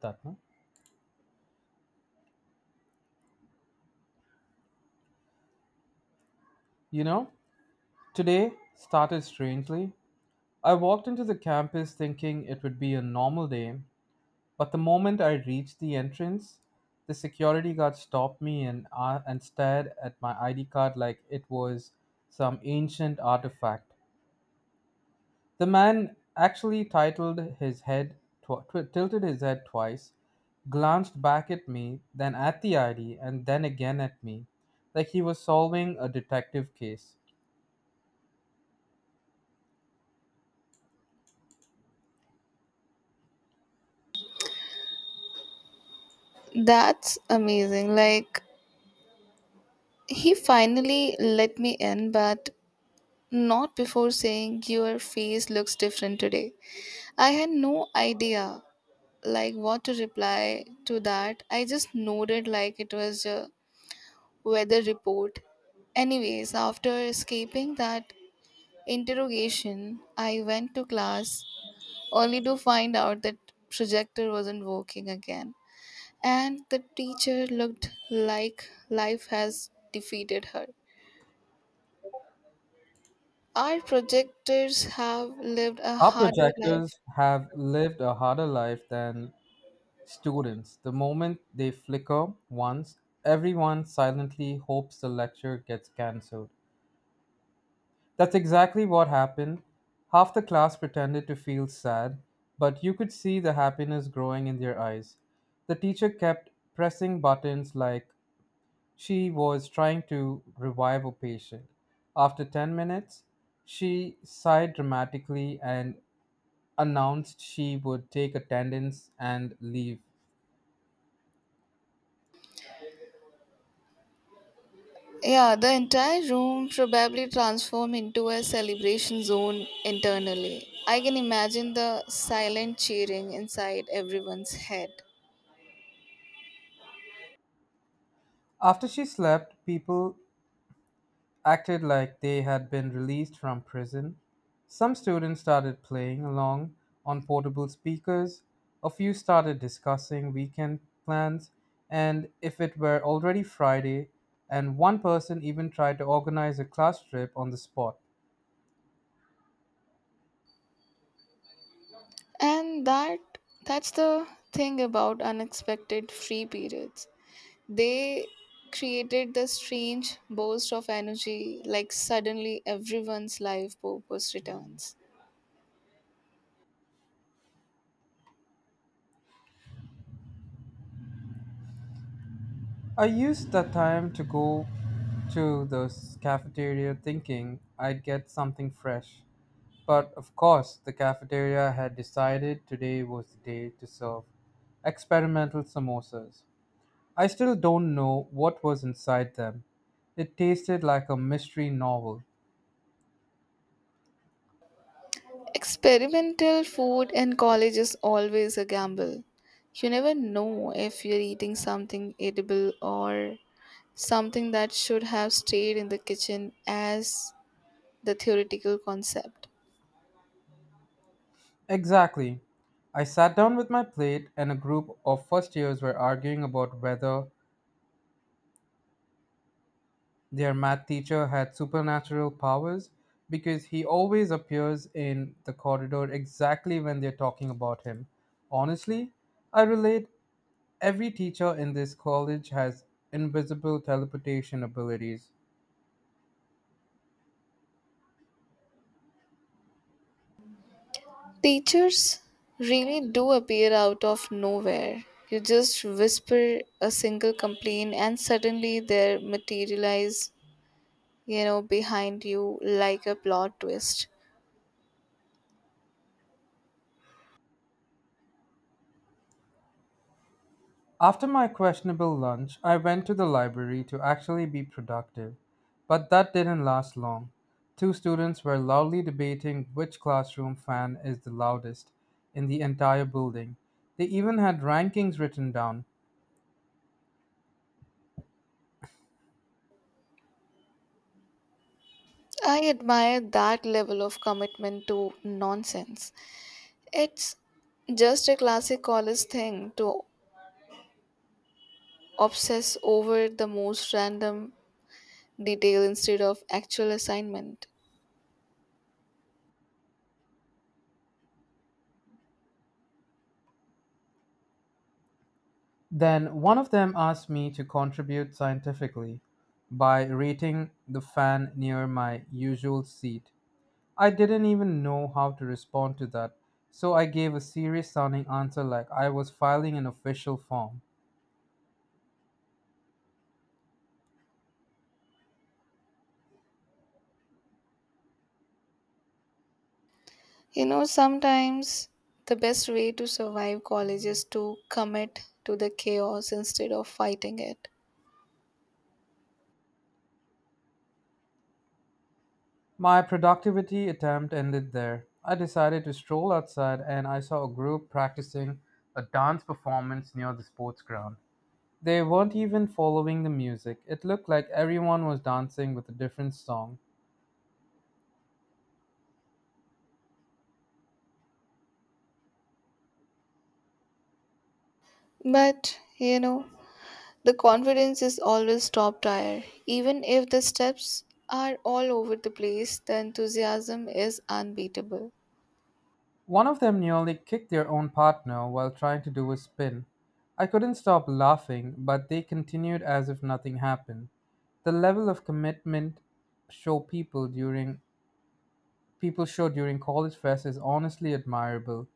That no? You know, Today started strangely. I walked into the campus thinking it would be a normal day, but the moment I reached the entrance, the security guard stopped me and stared at my ID card like it was some ancient artifact. The man actually titled his head tw- tw- tilted his head twice, glanced back at me, then at the ID, and then again at me, like he was solving a detective case. That's amazing. Like, he finally let me in, but not before saying, "Your face looks different today." I had no idea, like, what to reply to that. I just nodded like it was a weather report. Anyways, after escaping that interrogation, I went to class only to find out that projector wasn't working again. And the teacher looked like life has defeated her. Our projectors have lived a Our harder life. projectors have lived a harder life than students. The moment they flicker once, everyone silently hopes the lecture gets cancelled. That's exactly what happened. Half the class pretended to feel sad, but you could see the happiness growing in their eyes. The teacher kept pressing buttons like she was trying to revive a patient. After 10 minutes, she sighed dramatically and announced she would take attendance and leave. Yeah, the entire room probably transformed into a celebration zone internally. I can imagine the silent cheering inside everyone's head. After she slept, people acted like they had been released from prison. Some students started playing along on portable speakers. A few started discussing weekend plans and if it were already Friday, and one person even tried to organize a class trip on the spot. And that's the thing about unexpected free periods. They created the strange burst of energy like suddenly everyone's life purpose returns. I used that time to go to the cafeteria thinking I'd get something fresh. But of course, the cafeteria had decided today was the day to serve experimental samosas. I still don't know what was inside them. It tasted like a mystery novel. Experimental food in college is always a gamble. You never know if you're eating something edible or something that should have stayed in the kitchen as the theoretical concept. Exactly. I sat down with my plate, and a group of first years were arguing about whether their math teacher had supernatural powers because he always appears in the corridor exactly when they're talking about him. Honestly, I relate. Every teacher in this college has invisible teleportation abilities. Teachers really do appear out of nowhere. You just whisper a single complaint and suddenly they materialize, you know, behind you like a plot twist. After my questionable lunch, I went to the library to actually be productive, but that didn't last long. Two students were loudly debating which classroom fan is the loudest in the entire building. They even had rankings written down. I admire that level of commitment to nonsense. It's just a classic college thing to obsess over the most random detail instead of actual assignment. Then one of them asked me to contribute scientifically by rating the fan near my usual seat. I didn't even know how to respond to that, so I gave a serious sounding answer like I was filing an official form. You know, sometimes the best way to survive college is to commit to the chaos instead of fighting it. My productivity attempt ended there. I decided to stroll outside and I saw a group practicing a dance performance near the sports ground. They weren't even following the music. It looked like everyone was dancing with a different song. But, you know, the confidence is always top tier. Even if the steps are all over the place, the enthusiasm is unbeatable. One of them nearly kicked their own partner while trying to do a spin. I couldn't stop laughing, but they continued as if nothing happened. The level of commitment show people during people show during college fest is honestly admirable.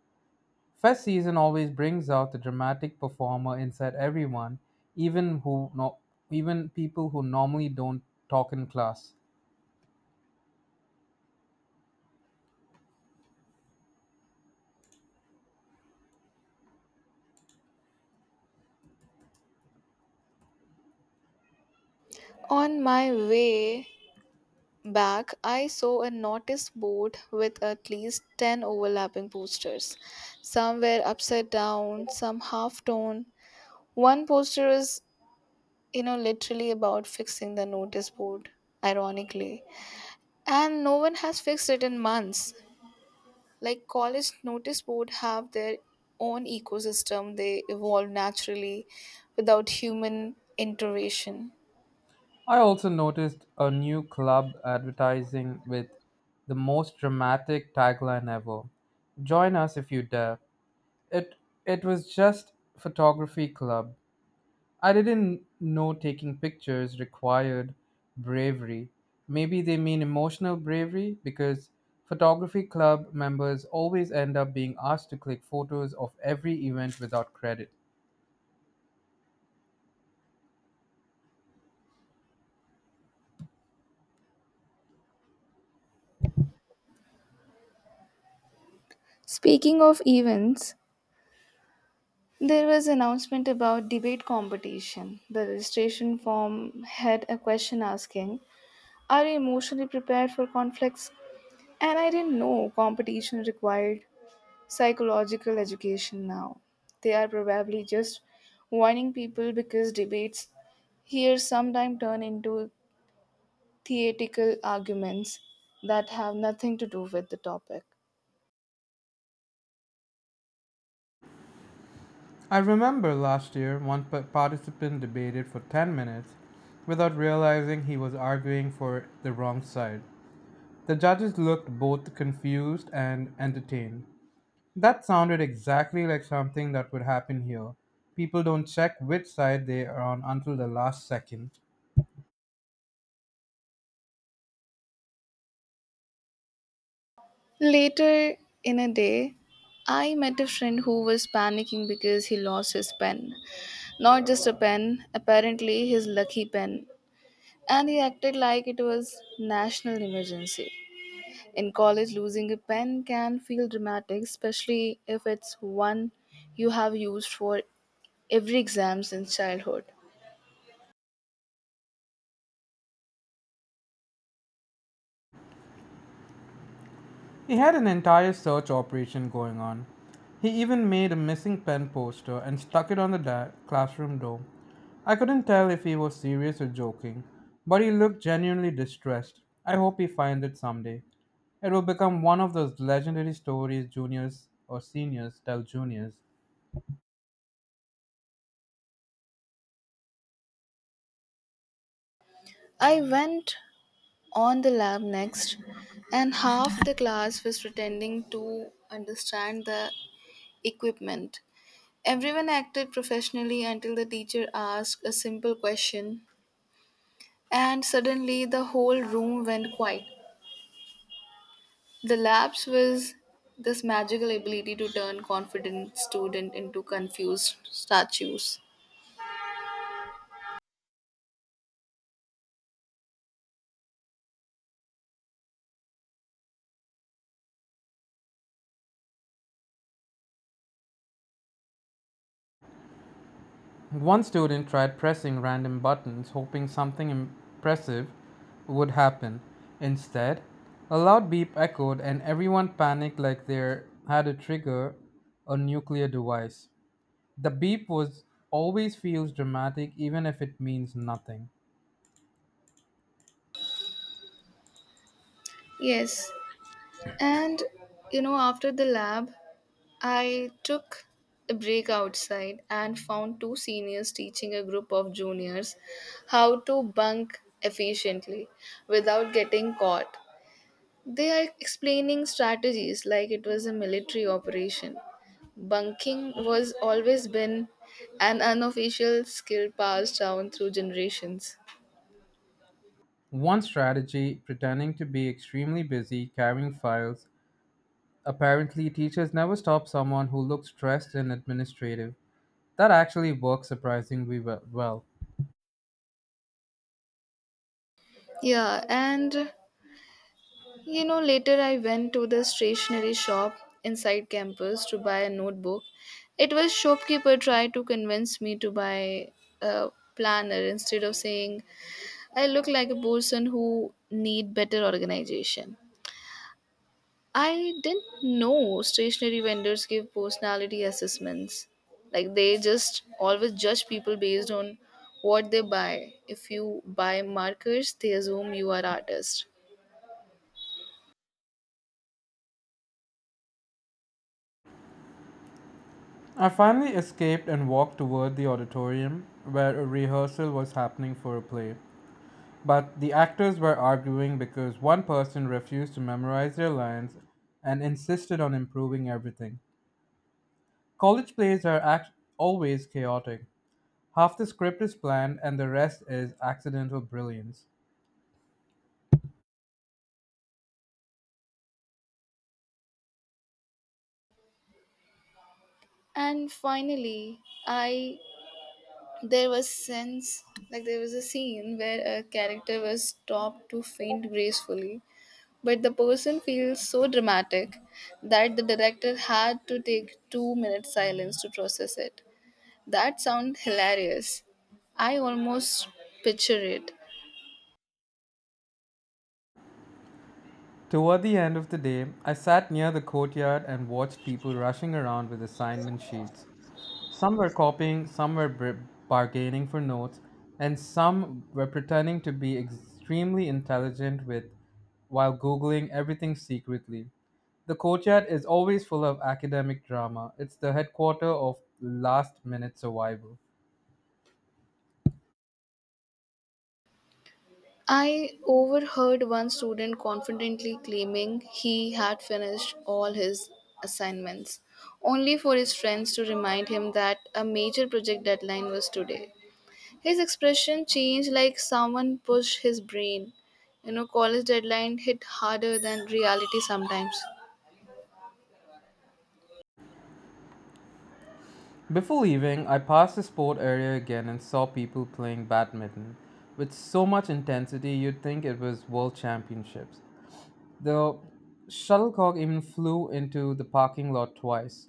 Fest season always brings out the dramatic performer inside everyone, even who no, even people who normally don't talk in class. On my way back, I saw a notice board with at least 10 overlapping posters. Some were upside down, some half torn. One poster is, you know, literally about fixing the notice board, ironically. And no one has fixed it in months. Like college notice board have their own ecosystem, they evolve naturally without human intervention. I also noticed a new club advertising with the most dramatic tagline ever. Join us if you dare. It it was just photography club. I didn't know taking pictures required bravery. Maybe they mean emotional bravery because photography club members always end up being asked to click photos of every event without credit. Speaking of events, there was announcement about debate competition. The registration form had a question asking, "Are you emotionally prepared for conflicts?" And I didn't know competition required psychological education now. They are probably just warning people because debates here sometimes turn into theatrical arguments that have nothing to do with the topic. I remember last year one participant debated for 10 minutes without realizing he was arguing for the wrong side. The judges looked both confused and entertained. That sounded exactly like something that would happen here. People don't check which side they are on until the last second. Later in a day, I met a friend who was panicking because he lost his pen. Not just a pen, apparently his lucky pen. And he acted like it was national emergency. In college, losing a pen can feel dramatic, especially if it's one you have used for every exam since childhood. He had an entire search operation going on. He even made a missing pen poster and stuck it on the classroom door. I couldn't tell if he was serious or joking, but he looked genuinely distressed. I hope he finds it someday. It will become one of those legendary stories juniors or seniors tell juniors. I went on the lab next, and half the class was pretending to understand the equipment. Everyone acted professionally until the teacher asked a simple question and suddenly the whole room went quiet. The lapse was this magical ability to turn confident student into confused statues. One student tried pressing random buttons, hoping something impressive would happen. Instead, a loud beep echoed, and everyone panicked like they had a trigger a nuclear device. The beep was always feels dramatic, even if it means nothing. Yes. And, you know, after the lab, I took a break outside and found two seniors teaching a group of juniors how to bunk efficiently without getting caught. They are explaining strategies like it was a military operation. Bunking was always been an unofficial skill passed down through generations. One strategy, pretending to be extremely busy carrying files. Apparently, teachers never stop someone who looks stressed and administrative. That actually works surprisingly well. Yeah, and you know, later I went to the stationery shop inside campus to buy a notebook. It was shopkeeper tried to convince me to buy a planner instead of saying I look like a person who need better organization. I didn't know stationery vendors give personality assessments. Like they just always judge people based on what they buy. If you buy markers, they assume you are artist. I finally escaped and walked toward the auditorium where a rehearsal was happening for a play. But the actors were arguing because one person refused to memorize their lines and insisted on improving everything. College plays are always chaotic. Half the script is planned and the rest is accidental brilliance. And finally, I there was sense like there was a scene where a character was stopped to faint gracefully, but the person feels so dramatic that the director had to take 2 minutes silence to process it. That sounds hilarious. I almost picture it. Toward the end of the day, I sat near the courtyard and watched people rushing around with assignment sheets. Some were copying, some were bargaining for notes, and some were pretending to be extremely intelligent with while googling everything secretly. The courtyard is always full of academic drama. It's the headquarter of last minute survival. I overheard one student confidently claiming he had finished all his assignments, only for his friends to remind him that a major project deadline was today. His expression changed like someone pushed his brain. You know, college deadline hit harder than reality sometimes. Before leaving, I passed the sport area again and saw people playing badminton. With so much intensity, you'd think it was world championships. The shuttlecock even flew into the parking lot twice.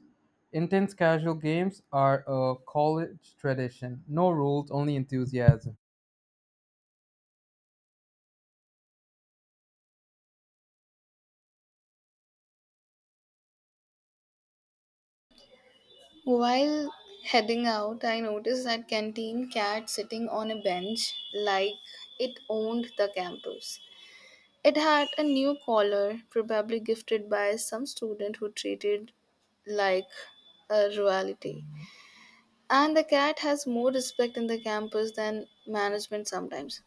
Intense casual games are a college tradition. No rules, only enthusiasm. While heading out, I noticed that canteen cat sitting on a bench like it owned the campus. It had a new collar, probably gifted by some student who treated like a royalty. And the cat has more respect in the campus than management sometimes.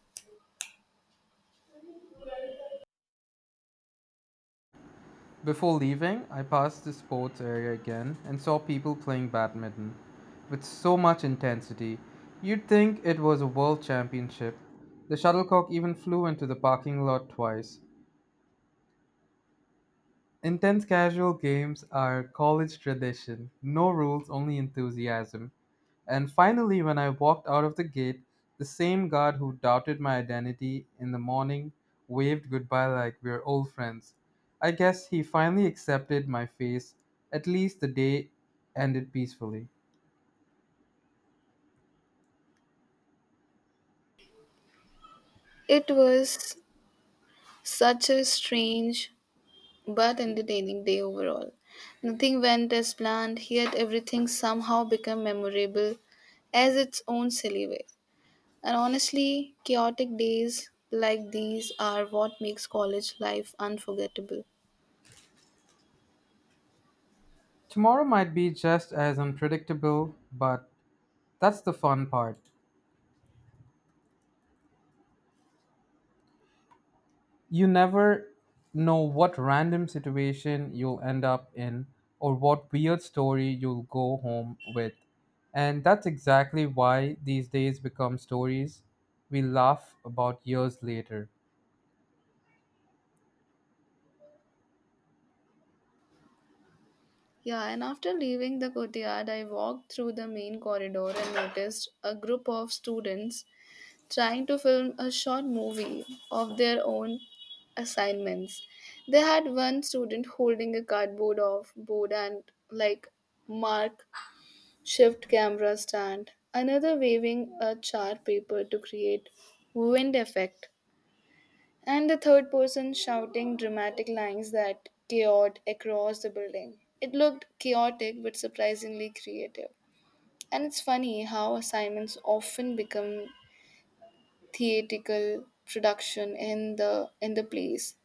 Before leaving, I passed the sports area again and saw people playing badminton with so much intensity. You'd think it was a world championship. The shuttlecock even flew into the parking lot twice. Intense casual games are college tradition. No rules, only enthusiasm. And finally, when I walked out of the gate, the same guard who doubted my identity in the morning waved goodbye like we're old friends. I guess he finally accepted my face. At least the day ended peacefully. It was such a strange but entertaining day overall. Nothing went as planned, yet everything somehow became memorable as its own silly way. And honestly, chaotic days like these are what makes college life unforgettable. Tomorrow might be just as unpredictable, but that's the fun part. You never know what random situation you'll end up in or what weird story you'll go home with. And that's exactly why these days become stories we laugh about years later. Yeah, and after leaving the courtyard, I walked through the main corridor and noticed a group of students trying to film a short movie of their own assignments. They had one student holding a cardboard off board and like mark shift camera stand, another waving a chart paper to create wind effect, and the third person shouting dramatic lines that chaotic across the building. It looked chaotic but surprisingly creative. And it's funny how assignments often become theatrical production in the place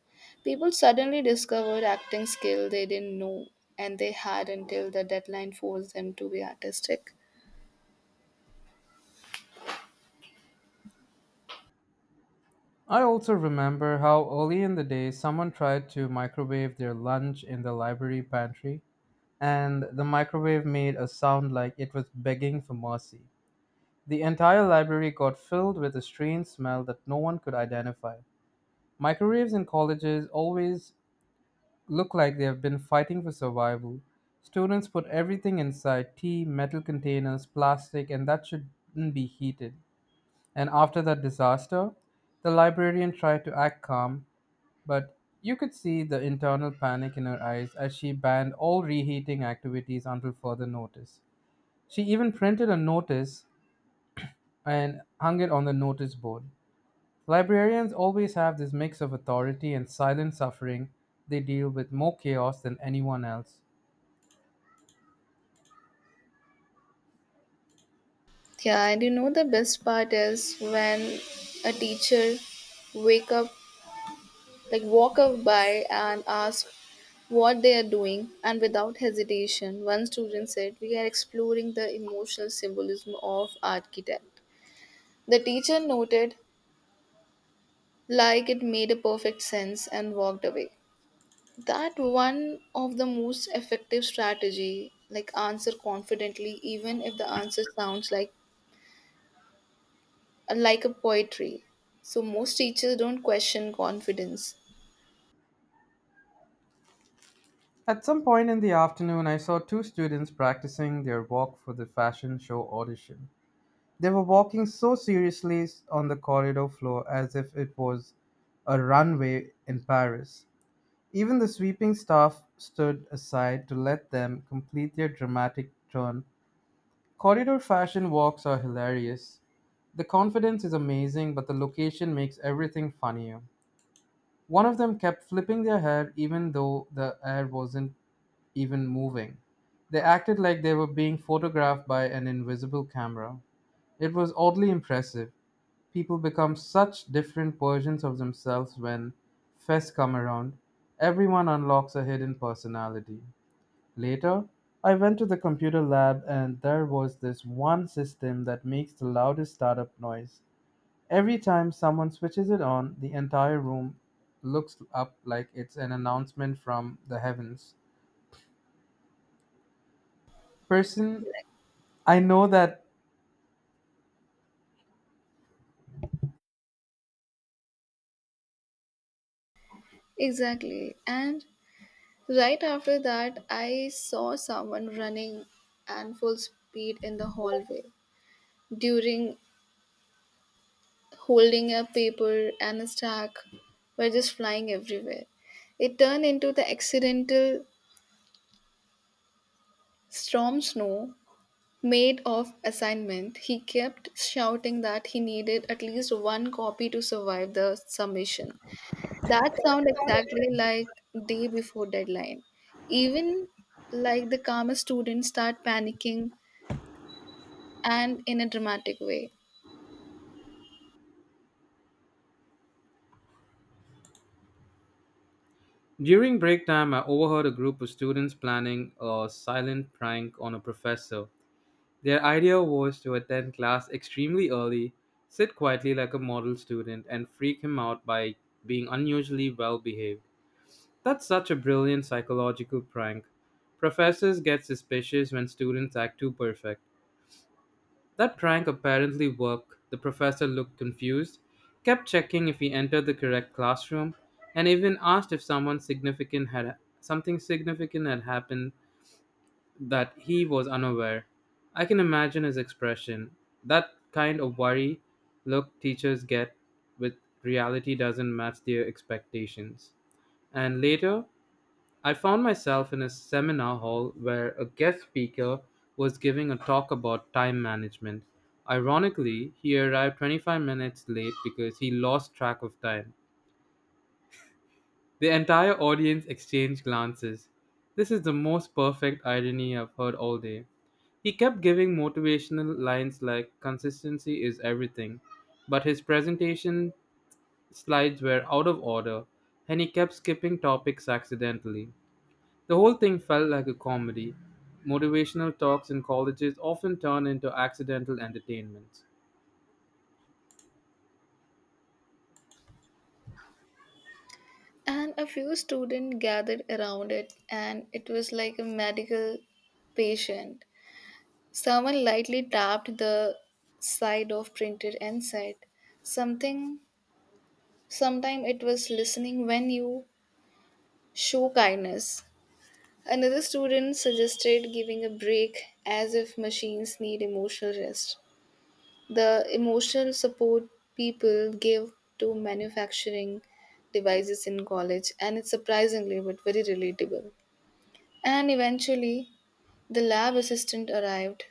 people suddenly discovered acting skill they didn't know and they had until the deadline forced them to be artistic. I also remember how early in the day someone tried to microwave their lunch in the library pantry, and the microwave made a sound like it was begging for mercy. The entire library got filled with a strange smell that no one could identify. Microwaves in colleges always look like they have been fighting for survival. Students put everything inside tea, metal containers, plastic, and that shouldn't be heated. And after that disaster, the librarian tried to act calm, but you could see the internal panic in her eyes as she banned all reheating activities until further notice. She even printed a notice and hung it on the notice board. Librarians always have this mix of authority and silent suffering. They deal with more chaos than anyone else. Yeah, and you know, the best part is when a teacher wake up, like walk up by and ask what they are doing, and without hesitation one student said we are exploring the emotional symbolism of architect. The teacher noted like it made a perfect sense and walked away. That one of the most effective strategy, like answer confidently even if the answer sounds like a poetry. So most teachers don't question confidence. At some point in the afternoon, I saw two students practicing their walk for the fashion show audition. They were walking so seriously on the corridor floor as if it was a runway in Paris. Even the sweeping staff stood aside to let them complete their dramatic turn. Corridor fashion walks are hilarious. The confidence is amazing, but the location makes everything funnier. One of them kept flipping their hair even though the hair wasn't even moving. They acted like they were being photographed by an invisible camera. It was oddly impressive. People become such different versions of themselves when fests come around. Everyone unlocks a hidden personality. Later, I went to the computer lab and there was this one system that makes the loudest startup noise. Every time someone switches it on, the entire room looks up like it's an announcement from the heavens. Person, I know that Exactly. And right after that, I saw someone running and full speed in the hallway during holding a paper and a stack were just flying everywhere. It turned into the accidental Storm Snow, made of assignment, he kept shouting that he needed at least one copy to survive the submission. That sound exactly like day before deadline. Even like the calmest students start panicking and in a dramatic way. during break time, I overheard a group of students planning a silent prank on a professor. Their idea was to attend class extremely early, sit quietly like a model student, and freak him out by being unusually well behaved. That's such a brilliant psychological prank. Professors get suspicious when students act too perfect. That prank apparently worked. The professor looked confused, kept checking if he entered the correct classroom, and even asked if someone significant had something significant had happened that he was unaware. I can imagine his expression. That kind of worry look teachers get with reality doesn't match their expectations. And later, I found myself in a seminar hall where a guest speaker was giving a talk about time management. Ironically, he arrived 25 minutes late because he lost track of time. The entire audience exchanged glances. This is the most perfect irony I've heard all day. He kept giving motivational lines like consistency is everything, but his presentation slides were out of order and he kept skipping topics accidentally. The whole thing felt like a comedy. Motivational talks in colleges often turn into accidental entertainments. And a few students gathered around it and it was like a medical patient. Someone lightly tapped the side of printed and said something. Sometimes it was listening when you show kindness. Another student suggested giving a break as if machines need emotional rest. The emotional support people give to manufacturing devices in college, and it's surprisingly but very relatable. And eventually, the lab assistant arrived,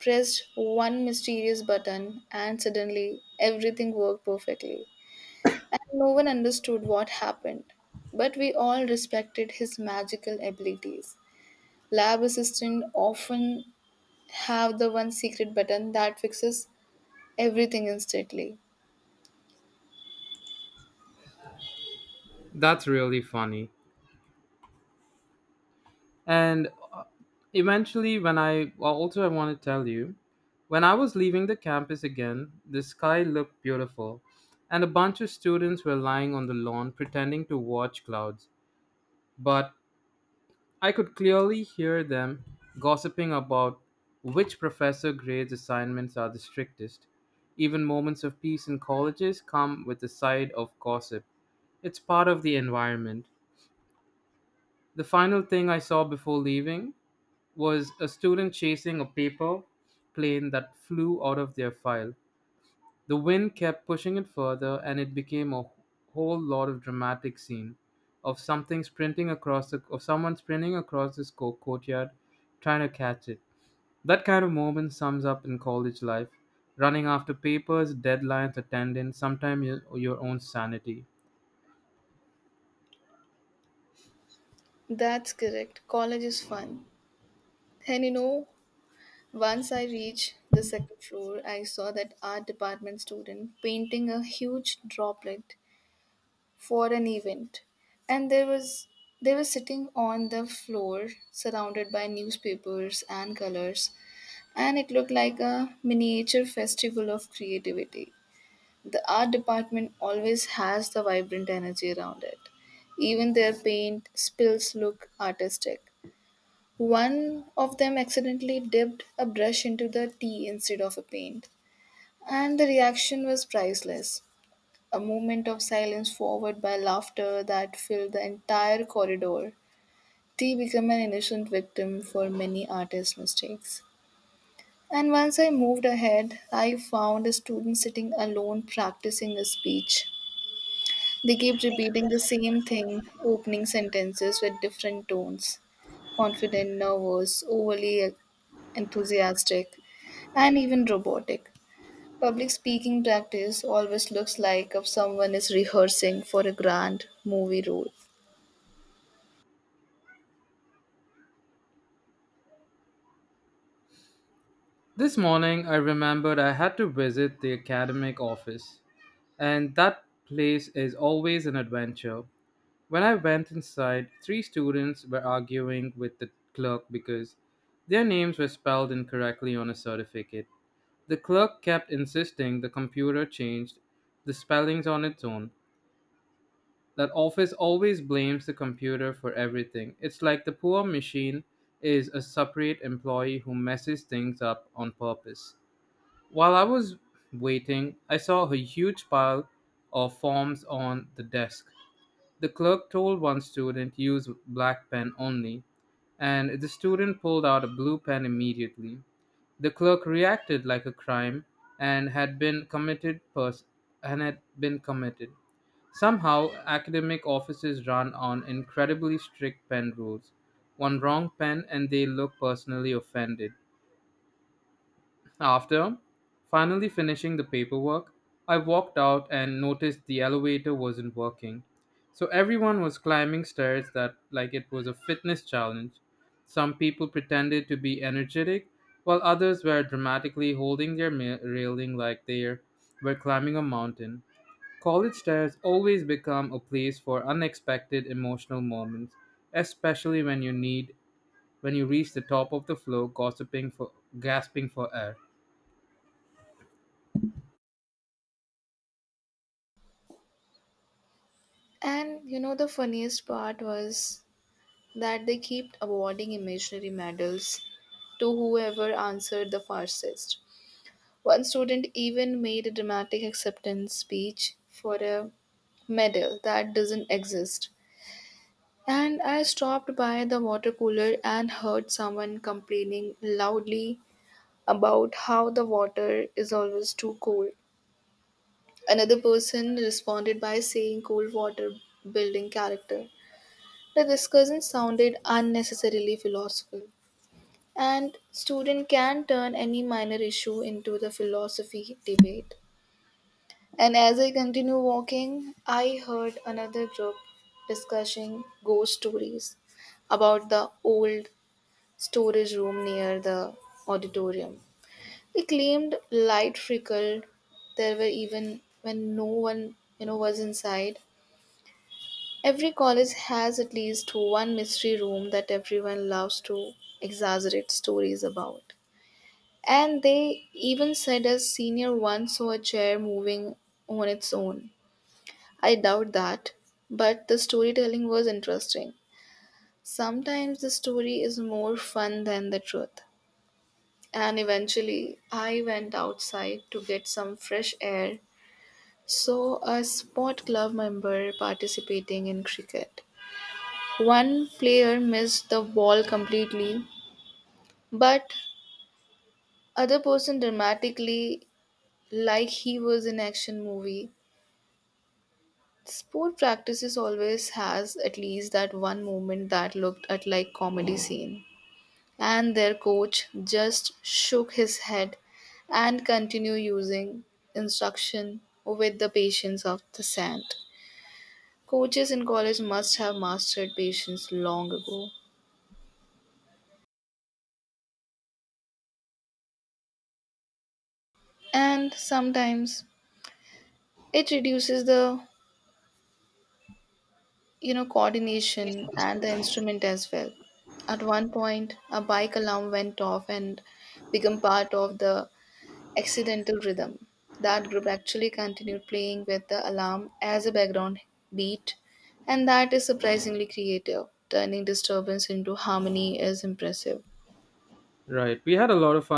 pressed one mysterious button, and suddenly everything worked perfectly. And no one understood what happened, but we all respected his magical abilities. Lab assistants often have the one secret button that fixes everything instantly. That's really funny. And uh, eventually, when I well, also, I want to tell you, when I was leaving the campus again, the sky looked beautiful, and a bunch of students were lying on the lawn pretending to watch clouds. But I could clearly hear them gossiping about which professor grades assignments are the strictest. Even moments of peace in colleges come with a side of gossip. It's part of the environment. The final thing I saw before leaving was a student chasing a paper plane that flew out of their file. The wind kept pushing it further, and it became a whole lot of dramatic scene of someone sprinting across this courtyard, trying to catch it. That kind of moment sums up in college life: running after papers, deadlines, attendance, sometimes your own sanity. That's correct. College is fun. And you know, once I reached the second floor, I saw that art department student painting a huge droplet for an event. And there was they were sitting on the floor surrounded by newspapers and colors and it looked like a miniature festival of creativity. The art department always has the vibrant energy around it. Even their paint spills look artistic. One of them accidentally dipped a brush into the tea instead of a paint, and the reaction was priceless. A moment of silence followed by laughter that filled the entire corridor. Tea became an innocent victim for many artists' mistakes. And once I moved ahead, I found a student sitting alone practicing a speech. They kept repeating the same thing, opening sentences with different tones: confident, nervous, overly enthusiastic, and even robotic. Public speaking practice always looks like if someone is rehearsing for a grand movie role. This morning, I remembered I had to visit the academic office, and that place is always an adventure. When I went inside, three students were arguing with the clerk because their names were spelled incorrectly on a certificate. The clerk kept insisting the computer changed the spellings on its own. That office always blames the computer for everything. It's like the poor machine is a separate employee who messes things up on purpose. While I was waiting, I saw a huge pile of forms on the desk. The clerk told one student use black pen only, and the student pulled out a blue pen immediately. The clerk reacted like a crime and had been committed pers- and had been committed. Somehow, academic offices run on incredibly strict pen rules. One wrong pen and they look personally offended. After finally finishing the paperwork, I walked out and noticed the elevator wasn't working. So everyone was climbing stairs that like it was a fitness challenge. Some people pretended to be energetic, while others were dramatically holding their railing like they were climbing a mountain. College stairs always become a place for unexpected emotional moments, especially when you need when you reach the top of the floor gossiping for gasping for air. And you know, the funniest part was that they kept awarding imaginary medals to whoever answered the fastest. One student even made a dramatic acceptance speech for a medal that doesn't exist. And I stopped by the water cooler and heard someone complaining loudly about how the water is always too cold. Another person responded by saying cold water building character. The discussion sounded unnecessarily philosophical. And student can turn any minor issue into the philosophy debate. And as I continue walking, I heard another group discussing ghost stories about the old storage room near the auditorium. They claimed light flickered. There were even when no one, you know, was inside. Every college has at least one mystery room that everyone loves to exaggerate stories about. And they even said a senior once saw a chair moving on its own. I doubt that, but the storytelling was interesting. Sometimes the story is more fun than the truth. And eventually, I went outside to get some fresh air, saw a sport club member participating in cricket. One player missed the ball completely, but other person dramatically, like he was in action movie. Sport practices always has at least that one moment that looked at like comedy scene. And their coach just shook his head and continued using instruction with the patience of the sand. Coaches in college must have mastered patience long ago. And sometimes it reduces the, you know, coordination and the instrument as well. At one point, a bike alarm went off and became part of the Accidental Rhythm. That group actually continued playing with the alarm as a background beat, and that is surprisingly creative. Turning disturbance into harmony is impressive. Right. We had a lot of fun.